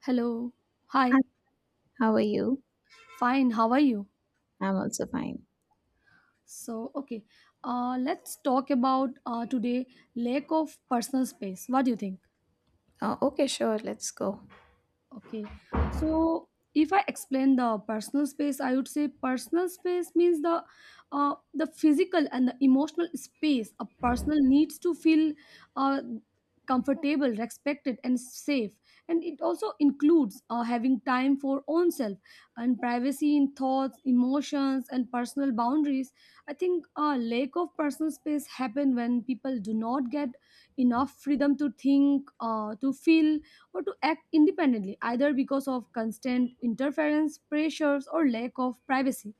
Hello. Hi, Hi. how are you? Fine. How are you? I'm also fine. So, okay. Let's talk about today lack of personal space. What do you think? Okay, sure. Let's go. Okay. So if I explain the personal space, I would say personal space means the physical and the emotional space a personal needs to feel uh, comfortable, respected, and safe. And it also includes having time for own self and privacy in thoughts, emotions, and personal boundaries. I think a lack of personal space happen when people do not get enough freedom to think, to feel, or to act independently, either because of constant interference, pressures, or lack of privacy.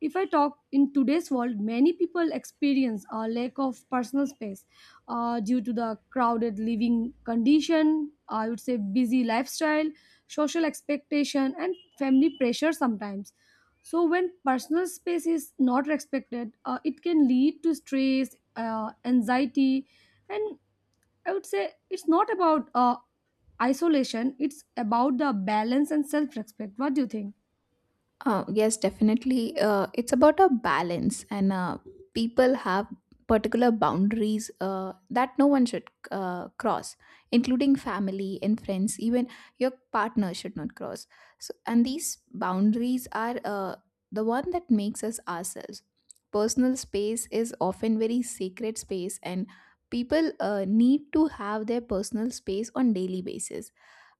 If I talk in today's world, many people experience a lack of personal space due to the crowded living condition, I would say busy lifestyle, social expectation, and family pressure sometimes. So, when personal space is not respected, it can lead to stress, anxiety, and I would say it's not about isolation, it's about the balance and self respect. What do you think? Yes, definitely. It's about a balance, and people have particular boundaries that no one should cross, including family and friends. Even your partner should not cross. So, and these boundaries are the one that makes us ourselves. Personal space is often very sacred space, and people need to have their personal space on daily basis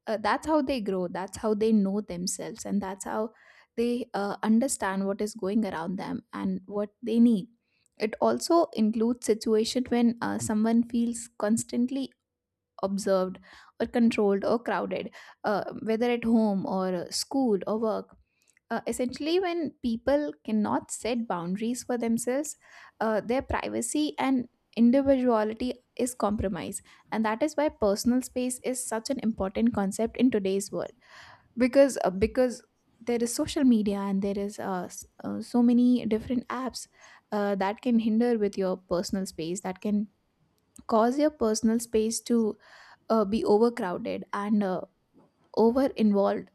uh, that's how they grow, that's how they know themselves, and that's how they understand what is going around them and what they need. It also includes situation when someone feels constantly observed or controlled or crowded, whether at home or school or work. Uh, essentially, when people cannot set boundaries for themselves, their privacy and individuality is compromised, and that is why personal space is such an important concept in today's world. Because there is social media and there is so many different apps that can hinder with your personal space, that can cause your personal space to be overcrowded and over involved,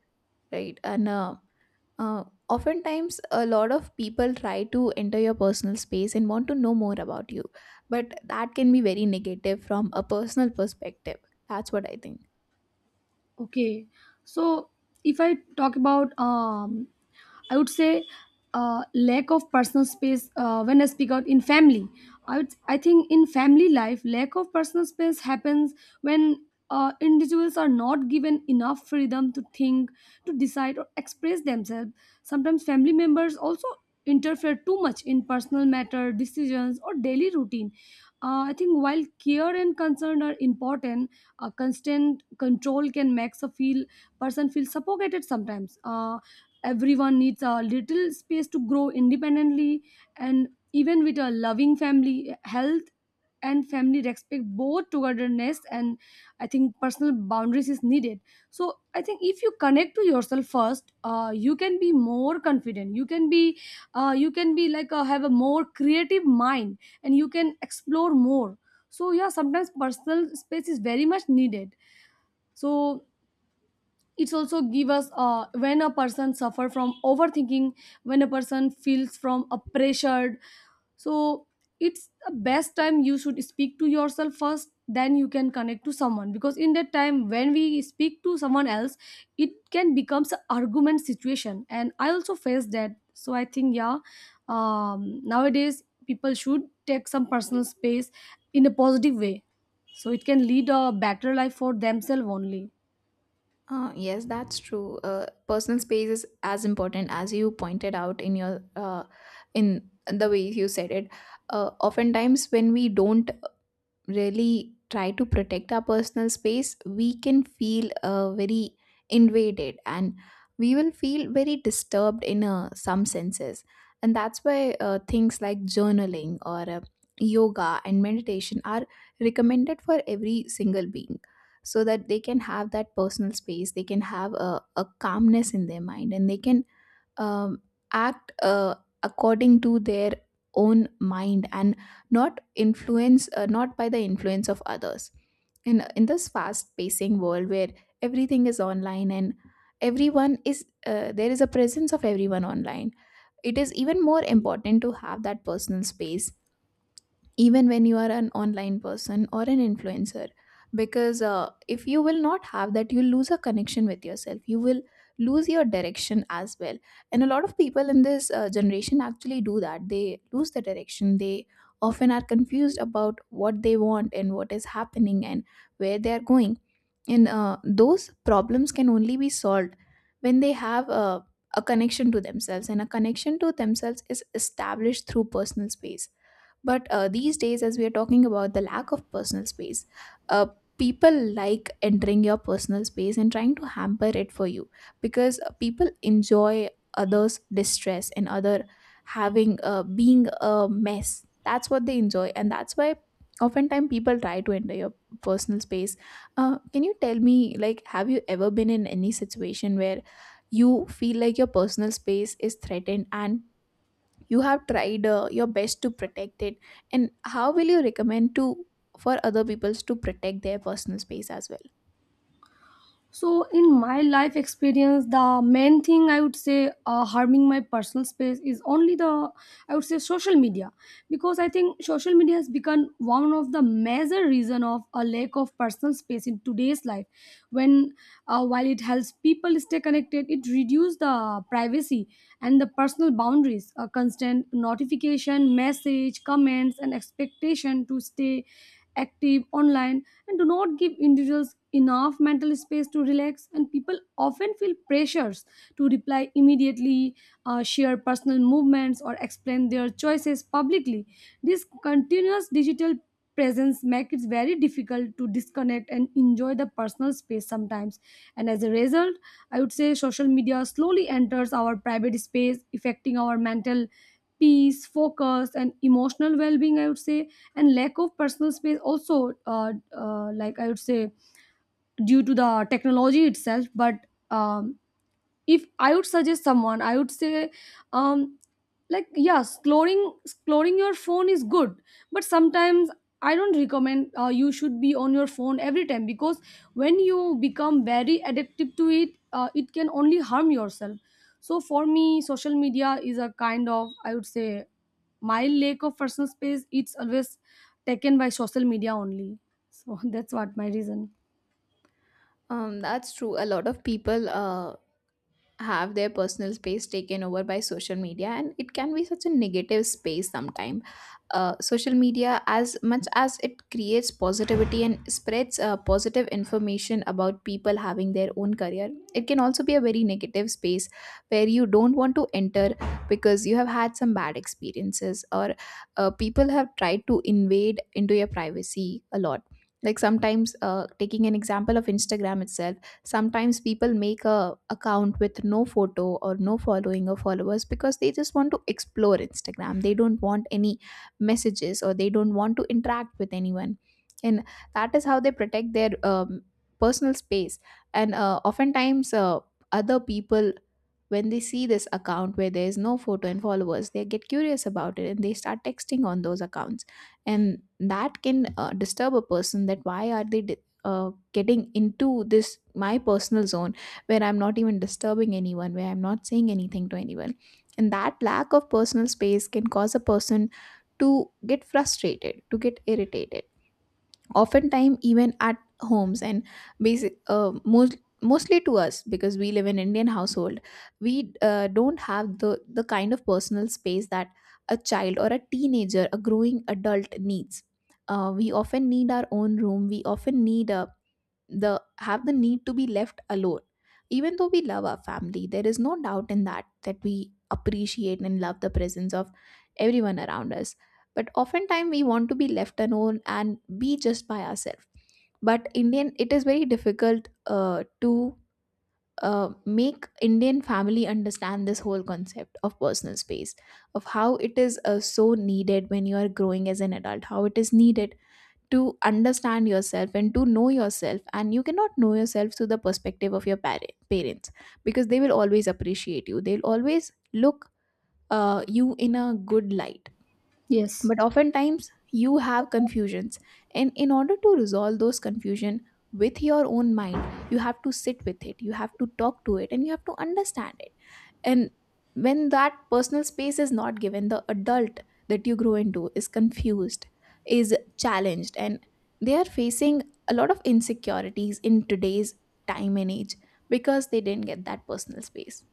right? And uh, oftentimes, a lot of people try to enter your personal space and want to know more about you, but that can be very negative from a personal perspective. That's what I think. Okay, so if I talk about, I would say lack of personal space when I speak out in family. I think in family life, lack of personal space happens when individuals are not given enough freedom to think, to decide, or express themselves. Sometimes family members also interfere too much in personal matter decisions or daily routine. I think while care and concern are important, constant control can make a feel person feel suffocated sometimes. Everyone needs a little space to grow independently, and even with a loving family health and family respect both togetherness and, I think, personal boundaries is needed. So I think if you connect to yourself first, you can be more confident, you can be like have a more creative mind, and you can explore more. So yeah, sometimes personal space is very much needed. So it's also give us, when a person suffer from overthinking, when a person feels from a pressured. So it's the best time, you should speak to yourself first, then you can connect to someone, because in that time when we speak to someone else it can becomes an argument situation, and I also face that. So I think yeah, nowadays people should take some personal space in a positive way, so it can lead a better life for themselves only. Yes, that's true. Personal space is as important as you pointed out in your, in the way you said it. Oftentimes, when we don't really try to protect our personal space, we can feel very invaded, and we will feel very disturbed in some senses. And that's why things like journaling or yoga and meditation are recommended for every single being, so that they can have that personal space, they can have a calmness in their mind, and they can um, act according to their own mind, and not influence not by the influence of others. And in this fast pacing world where everything is online and everyone is there is a presence of everyone online, it is even more important to have that personal space, even when you are an online person or an influencer. Because if you will not have that, you'll lose a connection with yourself, you will lose your direction as well. And a lot of people in this generation actually do that, they lose the direction, they often are confused about what they want and what is happening and where they are going. And those problems can only be solved when they have a connection to themselves, and a connection to themselves is established through personal space. But these days, as we are talking about the lack of personal space, uh, people like entering your personal space and trying to hamper it for you, because people enjoy others' distress and other having, being a mess. That's what they enjoy, and that's why oftentimes people try to enter your personal space. Can you tell me, like, have you ever been in any situation where you feel like your personal space is threatened and you have tried your best to protect it, and how will you recommend to, for other peoples to protect their personal space as well? So, in my life experience, the main thing I would say harming my personal space is only the, I would say, social media. Because I think social media has become one of the major reason of a lack of personal space in today's life. When, while it helps people stay connected, it reduces the privacy and the personal boundaries. A constant notification, message, comments, and expectation to stay active online and do not give individuals enough mental space to relax, and people often feel pressures to reply immediately, share personal movements or explain their choices publicly. This continuous digital presence makes it very difficult to disconnect and enjoy the personal space sometimes. And as a result, I would say social media slowly enters our private space, affecting our mental peace, focus, and emotional well-being, I would say. And lack of personal space also, like I would say, due to the technology itself. But if I would suggest someone, I would say, um like yeah, exploring your phone is good, but sometimes I don't recommend, you should be on your phone every time, because when you become very addicted to it, it can only harm yourself. So for me, social media is a kind of, I would say, my lack of personal space. It's always taken by social media only. So that's what my reason. That's true. A lot of people have their personal space taken over by social media, and it can be such a negative space sometimes. Uh, social media, as much as it creates positivity and spreads positive information about people having their own career, it can also be a very negative space where you don't want to enter, because you have had some bad experiences, or people have tried to invade into your privacy a lot. Like sometimes, taking an example of instagram itself, sometimes people make a account with no photo or no following or followers, because they just want to explore instagram, they don't want any messages, or they don't want to interact with anyone. And that is how they protect their personal space. And oftentimes, other people, when they see this account where there is no photo and followers, they get curious about it and they start texting on those accounts. And that can disturb a person, that why are they getting into this my personal zone, where I'm not even disturbing anyone, where I'm not saying anything to anyone. And that lack of personal space can cause a person to get frustrated, to get irritated, oftentimes even at homes. And basic, most mostly to us, because we live in indian household, we don't have the kind of personal space that a child or a teenager, a growing adult needs. We often need our own room, we often need a, the, have the need to be left alone. Even though we love our family, there is no doubt in that, that we appreciate and love the presence of everyone around us, but oftentimes we want to be left alone and be just by ourselves. But indian, it is very difficult to make indian family understand this whole concept of personal space, of how it is so needed when you are growing as an adult, how it is needed to understand yourself and to know yourself. And you cannot know yourself through the perspective of parents, because they will always appreciate you, they'll always look you in a good light. Yes. But oftentimes you have confusions, and in order to resolve those confusion with your own mind, you have to sit with it, you have to talk to it, and you have to understand it. And when that personal space is not given, the adult that you grow into is confused, is challenged, and they are facing a lot of insecurities in today's time and age, because they didn't get that personal space.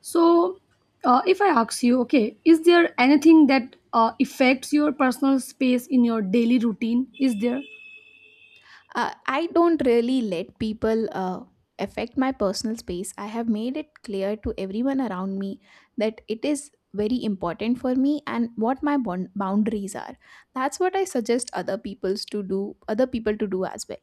So, if I ask you, okay, is there anything that affects your personal space in your daily routine? Is there? I don't really let people affect my personal space. I have made it clear to everyone around me that it is very important for me and what boundaries are. That's what I suggest other people's to do, other people to do as well.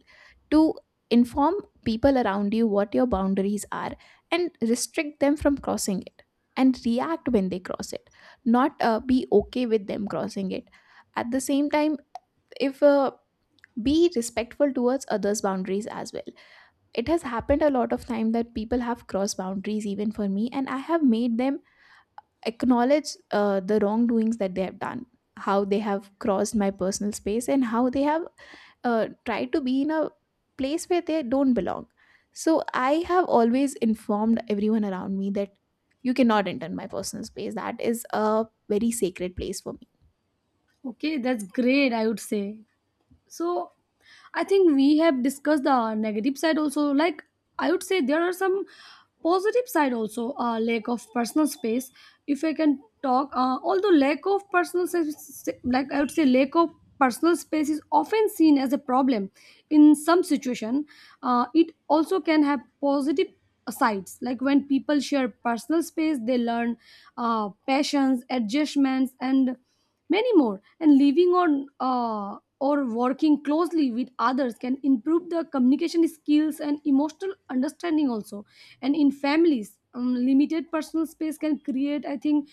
To inform people around you what your boundaries are, and restrict them from crossing it, and react when they cross it, not be okay with them crossing it. At the same time, if be respectful towards others boundaries as well. It has happened a lot of time that people have crossed boundaries even for me, and I have made them acknowledge the wrongdoings that they have done, how they have crossed my personal space, and how they have tried to be in a place where they don't belong. So I have always informed everyone around me that you cannot enter my personal space, that is a very sacred place for me. Okay, that's great, I would say. So I think we have discussed the negative side also. Like I would say there are some positive side also. Lack of personal space, if I can talk, although lack of personal space, like I would say, lack of personal space is often seen as a problem in some situation. It also can have positive sides. Like when people share personal space, they learn passions, adjustments, and many more. And living on, or working closely with others can improve the communication skills and emotional understanding also. And in families, limited personal space can create, I think,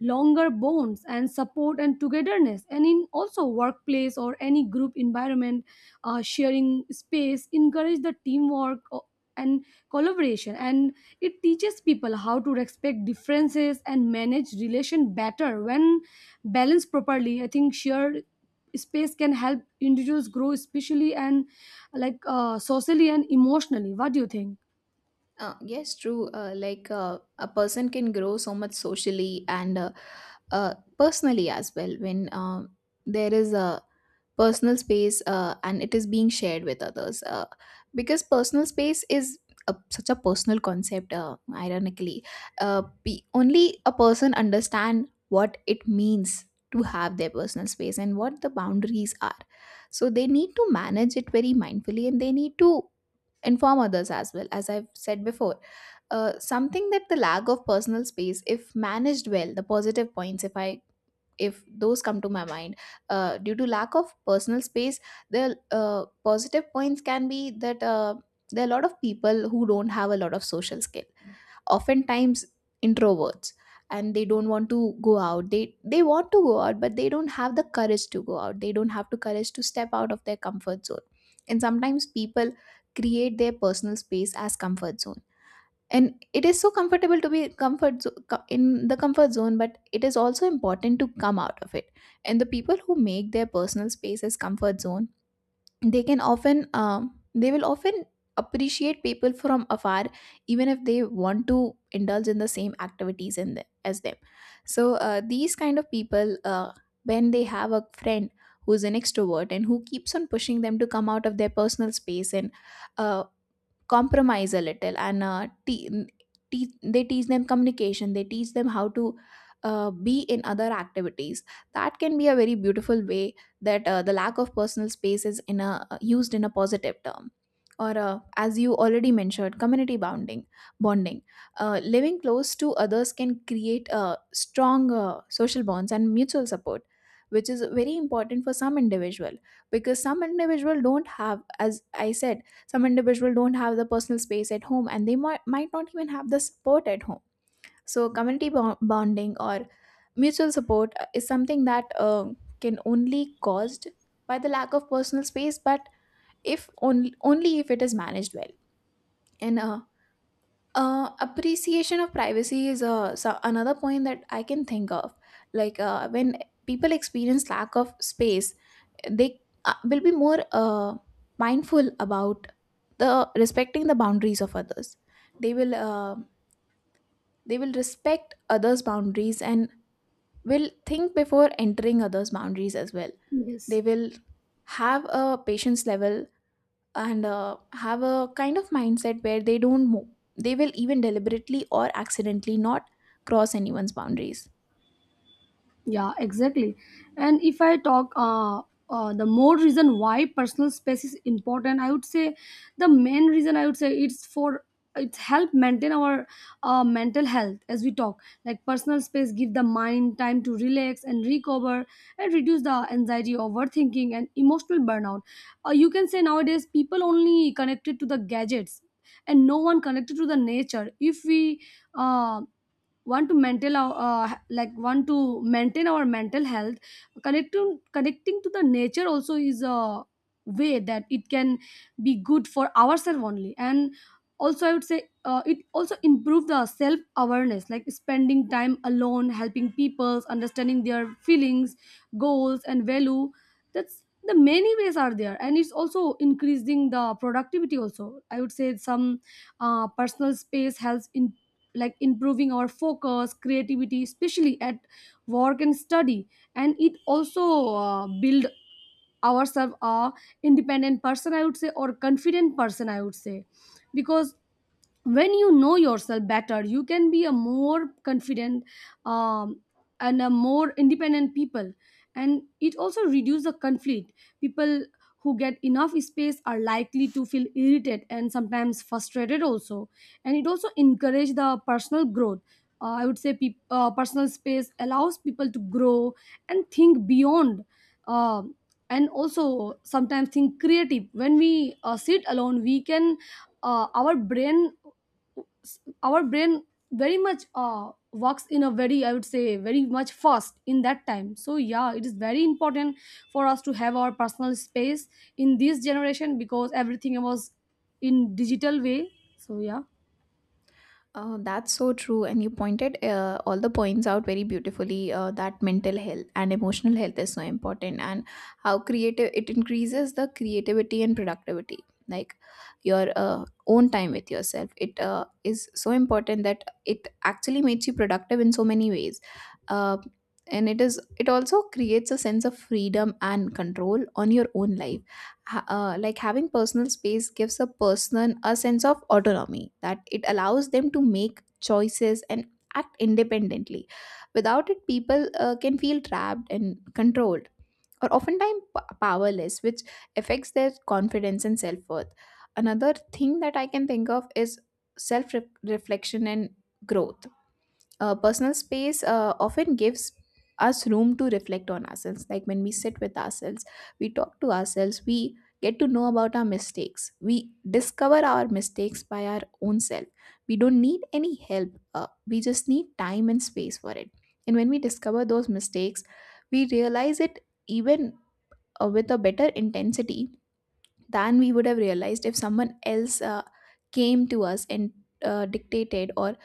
longer bonds and support and togetherness. And in also workplace or any group environment, sharing space encourage the and collaboration, and it teaches people how to respect differences and manage relation better. When balanced properly, I think shared space can help individuals grow especially, and like socially and emotionally. What do you think? Yes, true. Like, a person can grow so much socially and, uh, personally as well, when there is a personal space, and it is being shared with others. Because personal space is a, such a personal concept. Ironically, only a person understand what it means to have their personal space and what the boundaries are. So they need to manage it very mindfully, and they need to inform others, as well as I've said before. Something that, the lack of personal space, if managed well, the positive points, if, I if those come to my mind, due to lack of personal space, the positive points can be that, there are a lot of people who don't have a lot of social skill, oftentimes introverts, and they don't want to go out, they want to go out, but they don't have the courage to go out, they don't have the courage to step out of their comfort zone. And sometimes people create their personal space as comfort zone, and it is so comfortable to be in the comfort zone, but it is also important to come out of it. And the people who make their personal space as comfort zone, they can often they will often appreciate people from afar, even if they want to indulge in the same activities in the, as them. So these kind of people, when they have a friend who's an extrovert and who keeps on pushing them to come out of their personal space, and uh, compromise a little, and they teach them communication, they teach them how to be in other activities. That can be a very beautiful way that the lack of personal space is in a, used in a positive term. Or as you already mentioned, community bounding bonding, living close to others can create strong Social bonds and mutual support, which is very important for some individual, because some individual don't have, as I said, some individual don't have the personal space at home, and they might not even have the support at home. So community bonding or mutual support is something that can only caused by the lack of personal space, but if only if it is managed well. And Appreciation of privacy is so another point that I can think of. Like, when people experience lack of space, they will be more mindful about the respecting the boundaries of others. They will uh, they will respect others' boundaries and will think before entering others' boundaries as well. They Yes. will have a patience level, and have a kind of mindset where they don't move. They will even deliberately or accidentally not cross anyone's boundaries. Yeah, exactly. And if I talk, the more reason why personal space is important, I would say the main reason I would say it's for, it's help maintain our mental health. As we talk, like personal space give the mind time to relax and recover and reduce the anxiety, overthinking, and emotional burnout. You can say nowadays people only connected to the gadgets and no one connected to the nature. If we um want to maintain our, like want to maintain our mental health, connecting to the nature also is a way that it can be good for ourselves only. And also, I would say, it also improve the self awareness, like spending time alone helping people understanding their feelings, goals, and value. That's the many ways are there. And it's also increasing the productivity also, I would say. Some personal space helps in like improving our focus, creativity, especially at work and study. And it also build ourselves a independent person, I would say, or confident person, I would say, because when you know yourself better you can be a more confident, um, and a more independent people. And it also reduce the conflict. People who get enough space are likely to feel irritated and sometimes frustrated also. And it also encourage the personal growth. I would say peop personal space allows people to grow and think beyond, um, and also sometimes think creative. When we sit alone, we can uh, our brain our brain very much works in a very, I would say, very much fast in that time. So yeah, it is very important for us to have our personal space in this generation because everything was in digital way. So yeah. That's so true, and you pointed all the points out very beautifully. That mental health and emotional health is so important, and how creative it increases the creativity and productivity. Like, your own time with yourself, it is so important that it actually makes you productive in so many ways, uh, and it also creates a sense of freedom and control on your own life. Like, having personal space gives a person a sense of autonomy, that it allows them to make choices and act independently. Without it, people can feel trapped and controlled, or oftentimes powerless, which affects their confidence and self-worth. Another thing that I can think of is self-reflection and growth. Personal space often gives us room to reflect on ourselves. Like, when we sit with ourselves, we talk to ourselves, we get to know about our mistakes, we discover our mistakes by our own self. We don't need any help, we just need time and space for it. And when we discover those mistakes, we realize it even with a better intensity than we would have realized if someone else came to us and dictated or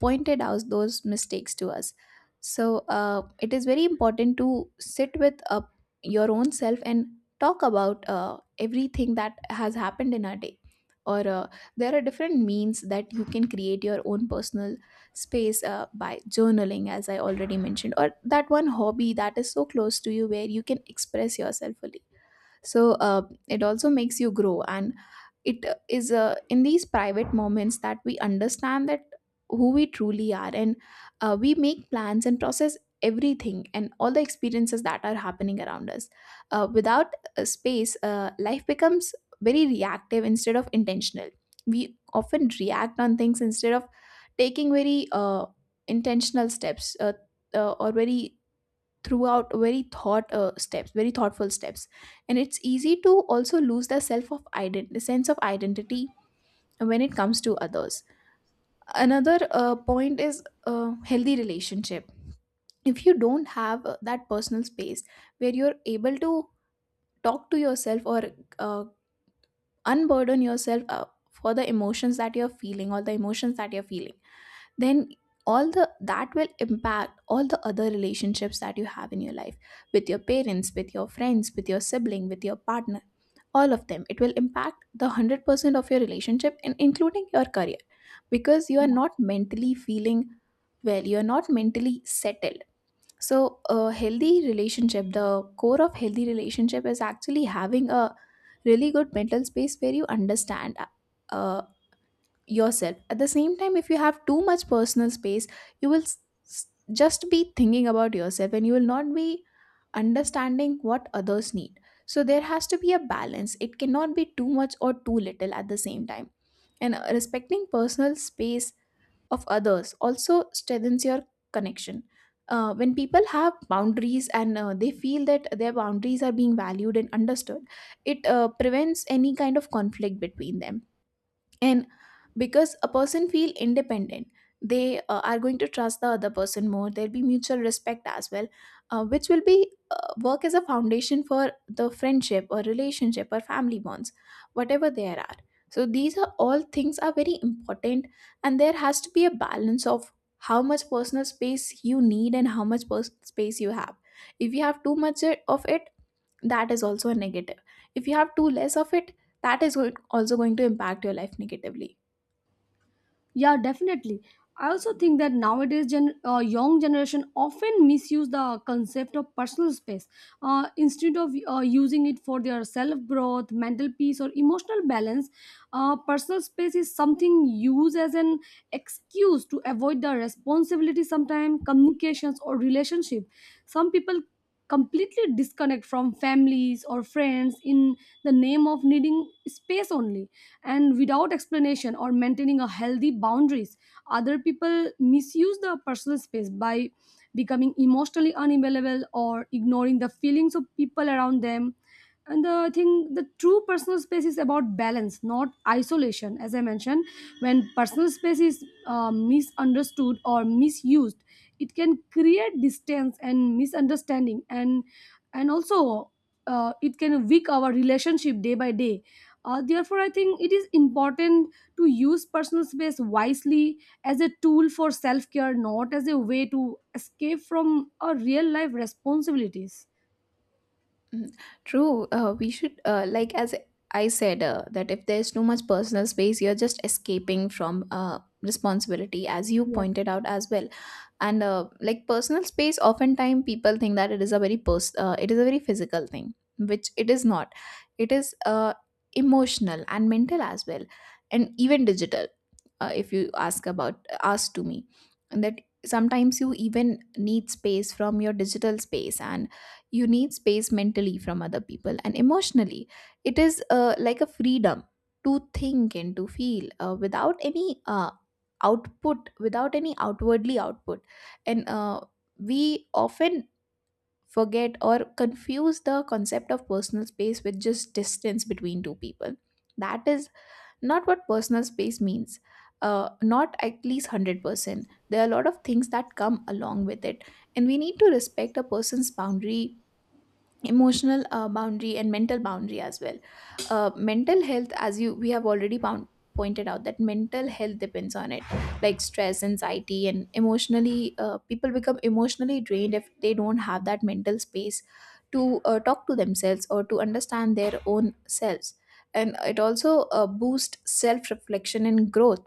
pointed out those mistakes to us. So it is very important to sit with your own self and talk about everything that has happened in our day, or there are different means that you can create your own personal space, by journaling, as I already mentioned, or that one hobby that is so close to you where you can express yourself fully. So, uh, it also makes you grow, and it is in these private moments that we understand that who we truly are, and we make plans and process everything and all the experiences that are happening around us. Without a space, life becomes very reactive instead of intentional. We often react on things instead of taking very intentional steps, or very throughout very thought steps very thoughtful steps. And it's easy to also lose the sense of identity when it comes to others. Another point is healthy relationship. If you don't have that personal space where you're able to talk to yourself or uh, unburden yourself for the emotions that you're feeling or the emotions that you're feeling, then all the that will impact all the other relationships that you have in your life, with your parents, with your friends, with your sibling, with your partner, all of them. It will impact the 100% of your relationship and including your career, because you are not mentally feeling well, you're not mentally settled. So, a healthy relationship, the core of healthy relationship, is actually having a really good mental space where you understand yourself. At the same time, if you have too much personal space, you will just be thinking about yourself and you will not be understanding what others need. So there has to be a balance. It cannot be too much or too little at the same time. And respecting personal space of others also strengthens your connection. When people have boundaries and they feel that their boundaries are being valued and understood, it prevents any kind of conflict between them. And because a person feel independent, they are going to trust the other person more. There'll be mutual respect as well, which will be work as a foundation for the friendship or relationship or family bonds, whatever there are. So these are all things are very important, and there has to be a balance of how much personal space you need and how much personal space you have. If you have too much of it, that is also a negative. If you have too less of it, that is also going to impact your life negatively. Yeah, definitely. I also think that nowadays, young generation often misuse the concept of personal space. Instead of using it for their self growth, mental peace, or emotional balance, personal space is something used as an excuse to avoid the responsibility, sometimes communications or relationship. Some people completely disconnect from families or friends in the name of needing space only, and without explanation or maintaining a healthy boundaries. Other people misuse the personal space by becoming emotionally unavailable or ignoring the feelings of people around them. And I think the true personal space is about balance, not isolation, as I mentioned. When personal space is misunderstood or misused, it can create distance and misunderstanding, and also it can weak our relationship day by day. Therefore, I think it is important to use personal space wisely as a tool for self care, not as a way to escape from our real life responsibilities. Mhm. True. We should, like, as I said, that if there's too much personal space, you're just escaping from responsibility, as you pointed out as well. And like, personal space, oftentimes people think that it is a very it is a very physical thing, which it is not. It is emotional and mental as well, and even digital. If you ask to me, and that sometimes you even need space from your digital space, and you need space mentally from other people and emotionally. It is like a freedom to think and to feel without any outwardly output. And we often forget or confuse the concept of personal space with just distance between two people. That is not what personal space means, not at least 100%. There are a lot of things that come along with it, and we need to respect a person's boundary, emotional boundary and mental boundary as well. Mental health, as you we have already pointed out, that mental health depends on it. Like stress, anxiety, and emotionally people become emotionally drained if they don't have that mental space to talk to themselves or to understand their own selves. And it also boosts self reflection and growth.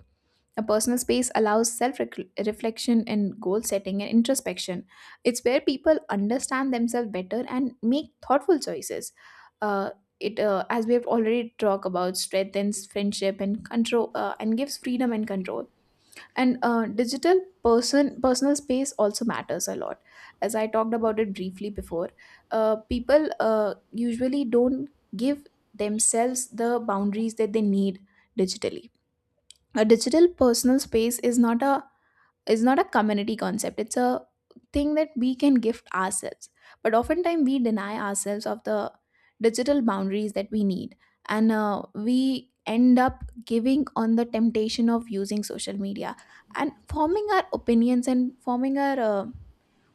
A personal space allows self reflection and goal setting and introspection. It's where people understand themselves better and make thoughtful choices. Uh, as we have already talked about, strengthens friendship and gives freedom and control. And digital personal space also matters a lot. As I talked about it briefly before, people usually don't give themselves the boundaries that they need digitally. A digital personal space is not a community concept. It's a thing that we can gift ourselves, but oftentimes we deny ourselves of the digital boundaries that we need. And we end up giving on the temptation of using social media, and forming our opinions and forming our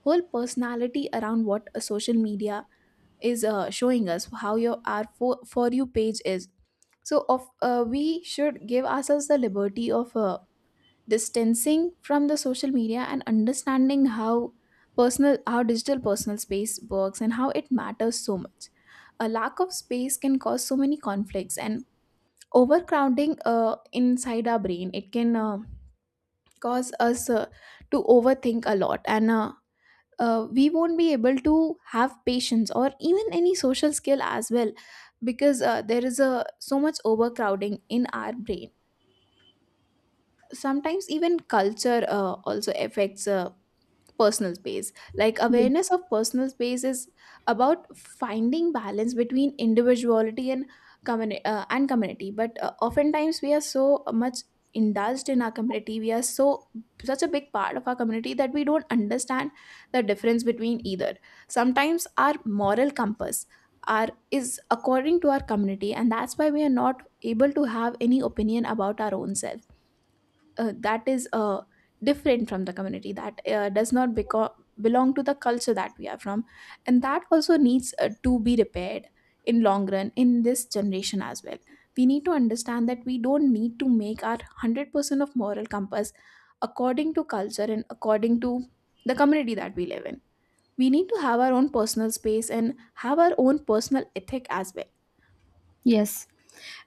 whole personality around what a social media is showing us, how your our for you page is. So of we should give ourselves the liberty of distancing from the social media and understanding how personal how digital personal space works and how it matters so much. A lack of space can cause so many conflicts and overcrowding inside our brain. It can cause us to overthink a lot, and we won't be able to have patience or even any social skill as well, because there is a so much overcrowding in our brain. Sometimes even culture also affects personal space. Like, Yes. awareness of personal space is about finding balance between individuality and and community. But oftentimes we are so much indulged in our community, we are so such a big part of our community that we don't understand the difference between either. Sometimes our moral compass are is according to our community, and that's why we are not able to have any opinion about our own self, that is different from the community, that does not beco- belong to the culture that we are from. And that also needs to be repaired in long run, in this generation as well. We need to understand that we don't need to make our 100% of moral compass according to culture and according to the community that we live in. We need to have our own personal space and have our own personal ethic as well. Yes,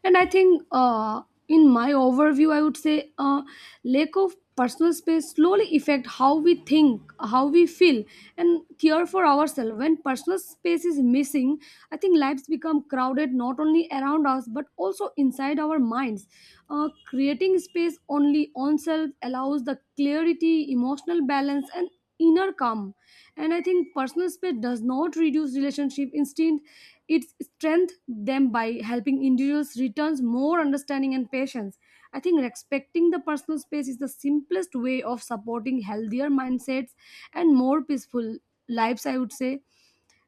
and I think in my overview, I would say lack of personal space slowly affect how we think, how we feel, and care for ourselves. When personal space is missing, I think lives become crowded not only around us but also inside our minds. Creating space only on self allows the clarity, emotional balance, and inner calm. And I think personal space does not reduce relationship, instead it strengthens them by helping individuals returns more understanding and patience. I think respecting the personal space is the simplest way of supporting healthier mindsets and more peaceful lives, I would say.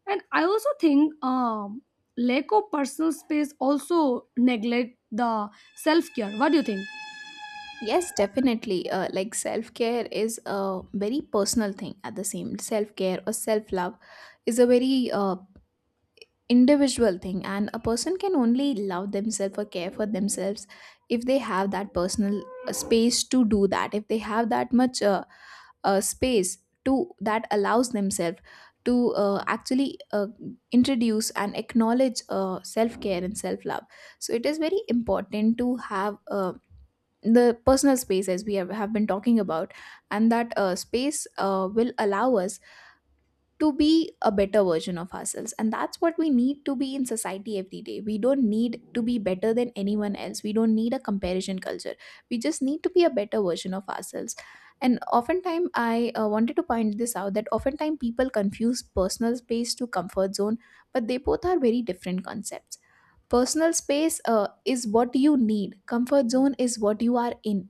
And I also think, lack of personal space also neglect the self-care. What do you think? Yes, definitely. Like, self care is a very personal thing. At the same, self care or self love is a very individual thing, and a person can only love themselves or care for themselves if they have that personal space to do that, if they have that much space to that allows themselves to actually introduce and acknowledge self care and self love. So, it is very important to have. The personal space, as we have been talking about, and that space will allow us to be a better version of ourselves, and that's what we need to be in society every day. We don't need to be better than anyone else. We don't need a comparison culture. We just need to be a better version of ourselves. And oftentimes I wanted to point this out, that oftentimes people confuse personal space to comfort zone, but they both are very different concepts. Personal space is what you need, comfort zone is what you are in.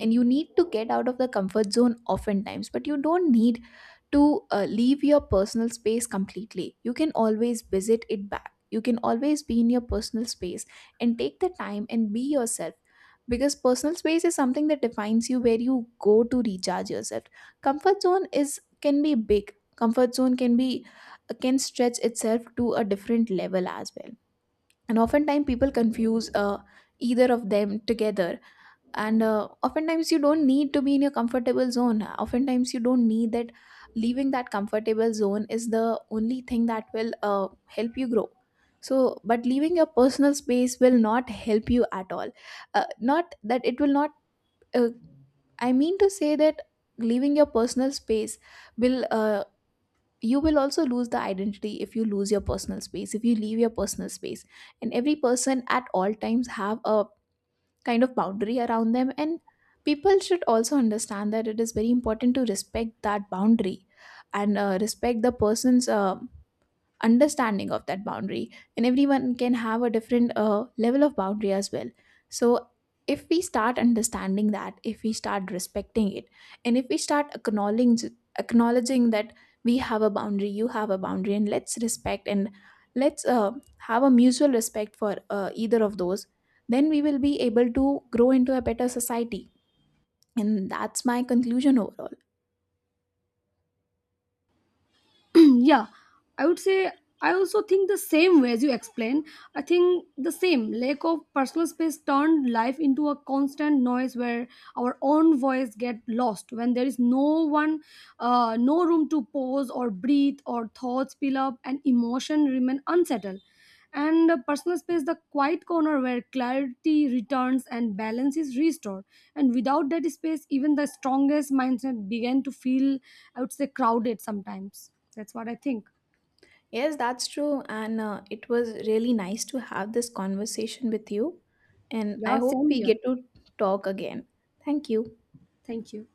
And you need to get out of the comfort zone oftentimes, but you don't need to leave your personal space completely. You can always visit it back, you can always be in your personal space and take the time and be yourself, because personal space is something that defines you, where you go to recharge yourself. Comfort zone is, can be big, comfort zone can be can stretch itself to a different level as well. And oftentimes people confuse either of them together. And oftentimes you don't need to be in your comfortable zone, oftentimes you don't need that. Leaving that comfortable zone is the only thing that will help you grow. So, but leaving your personal space will not help you at all. Not that it will not, uh, I mean to say that leaving your personal space will, you will also lose the identity if you lose your personal space, if you leave your personal space. And every person at all times have a kind of boundary around them, and people should also understand that it is very important to respect that boundary, and respect the person's understanding of that boundary. And everyone can have a different level of boundary as well. So, if we start understanding that, if we start respecting it, and if we start acknowledging that we have a boundary, you have a boundary, and let's respect, and let's have a mutual respect for either of those, then we will be able to grow into a better society. And that's my conclusion overall. Yeah, I would say I also think the same way as you explain. I think the same, lack of personal space turned life into a constant noise where our own voice get lost. When there is no one, no room to pause or breathe, or thoughts spill up and emotion remain unsettled. And the personal space, the quiet corner where clarity returns and balance is restored. And without that space, even the strongest mindset began to feel, I would say, crowded sometimes. That's what I think. Yes, that's true. And it was really nice to have this conversation with you. And I Yeah, hope same we get here. to talk again. Thank you. Thank you.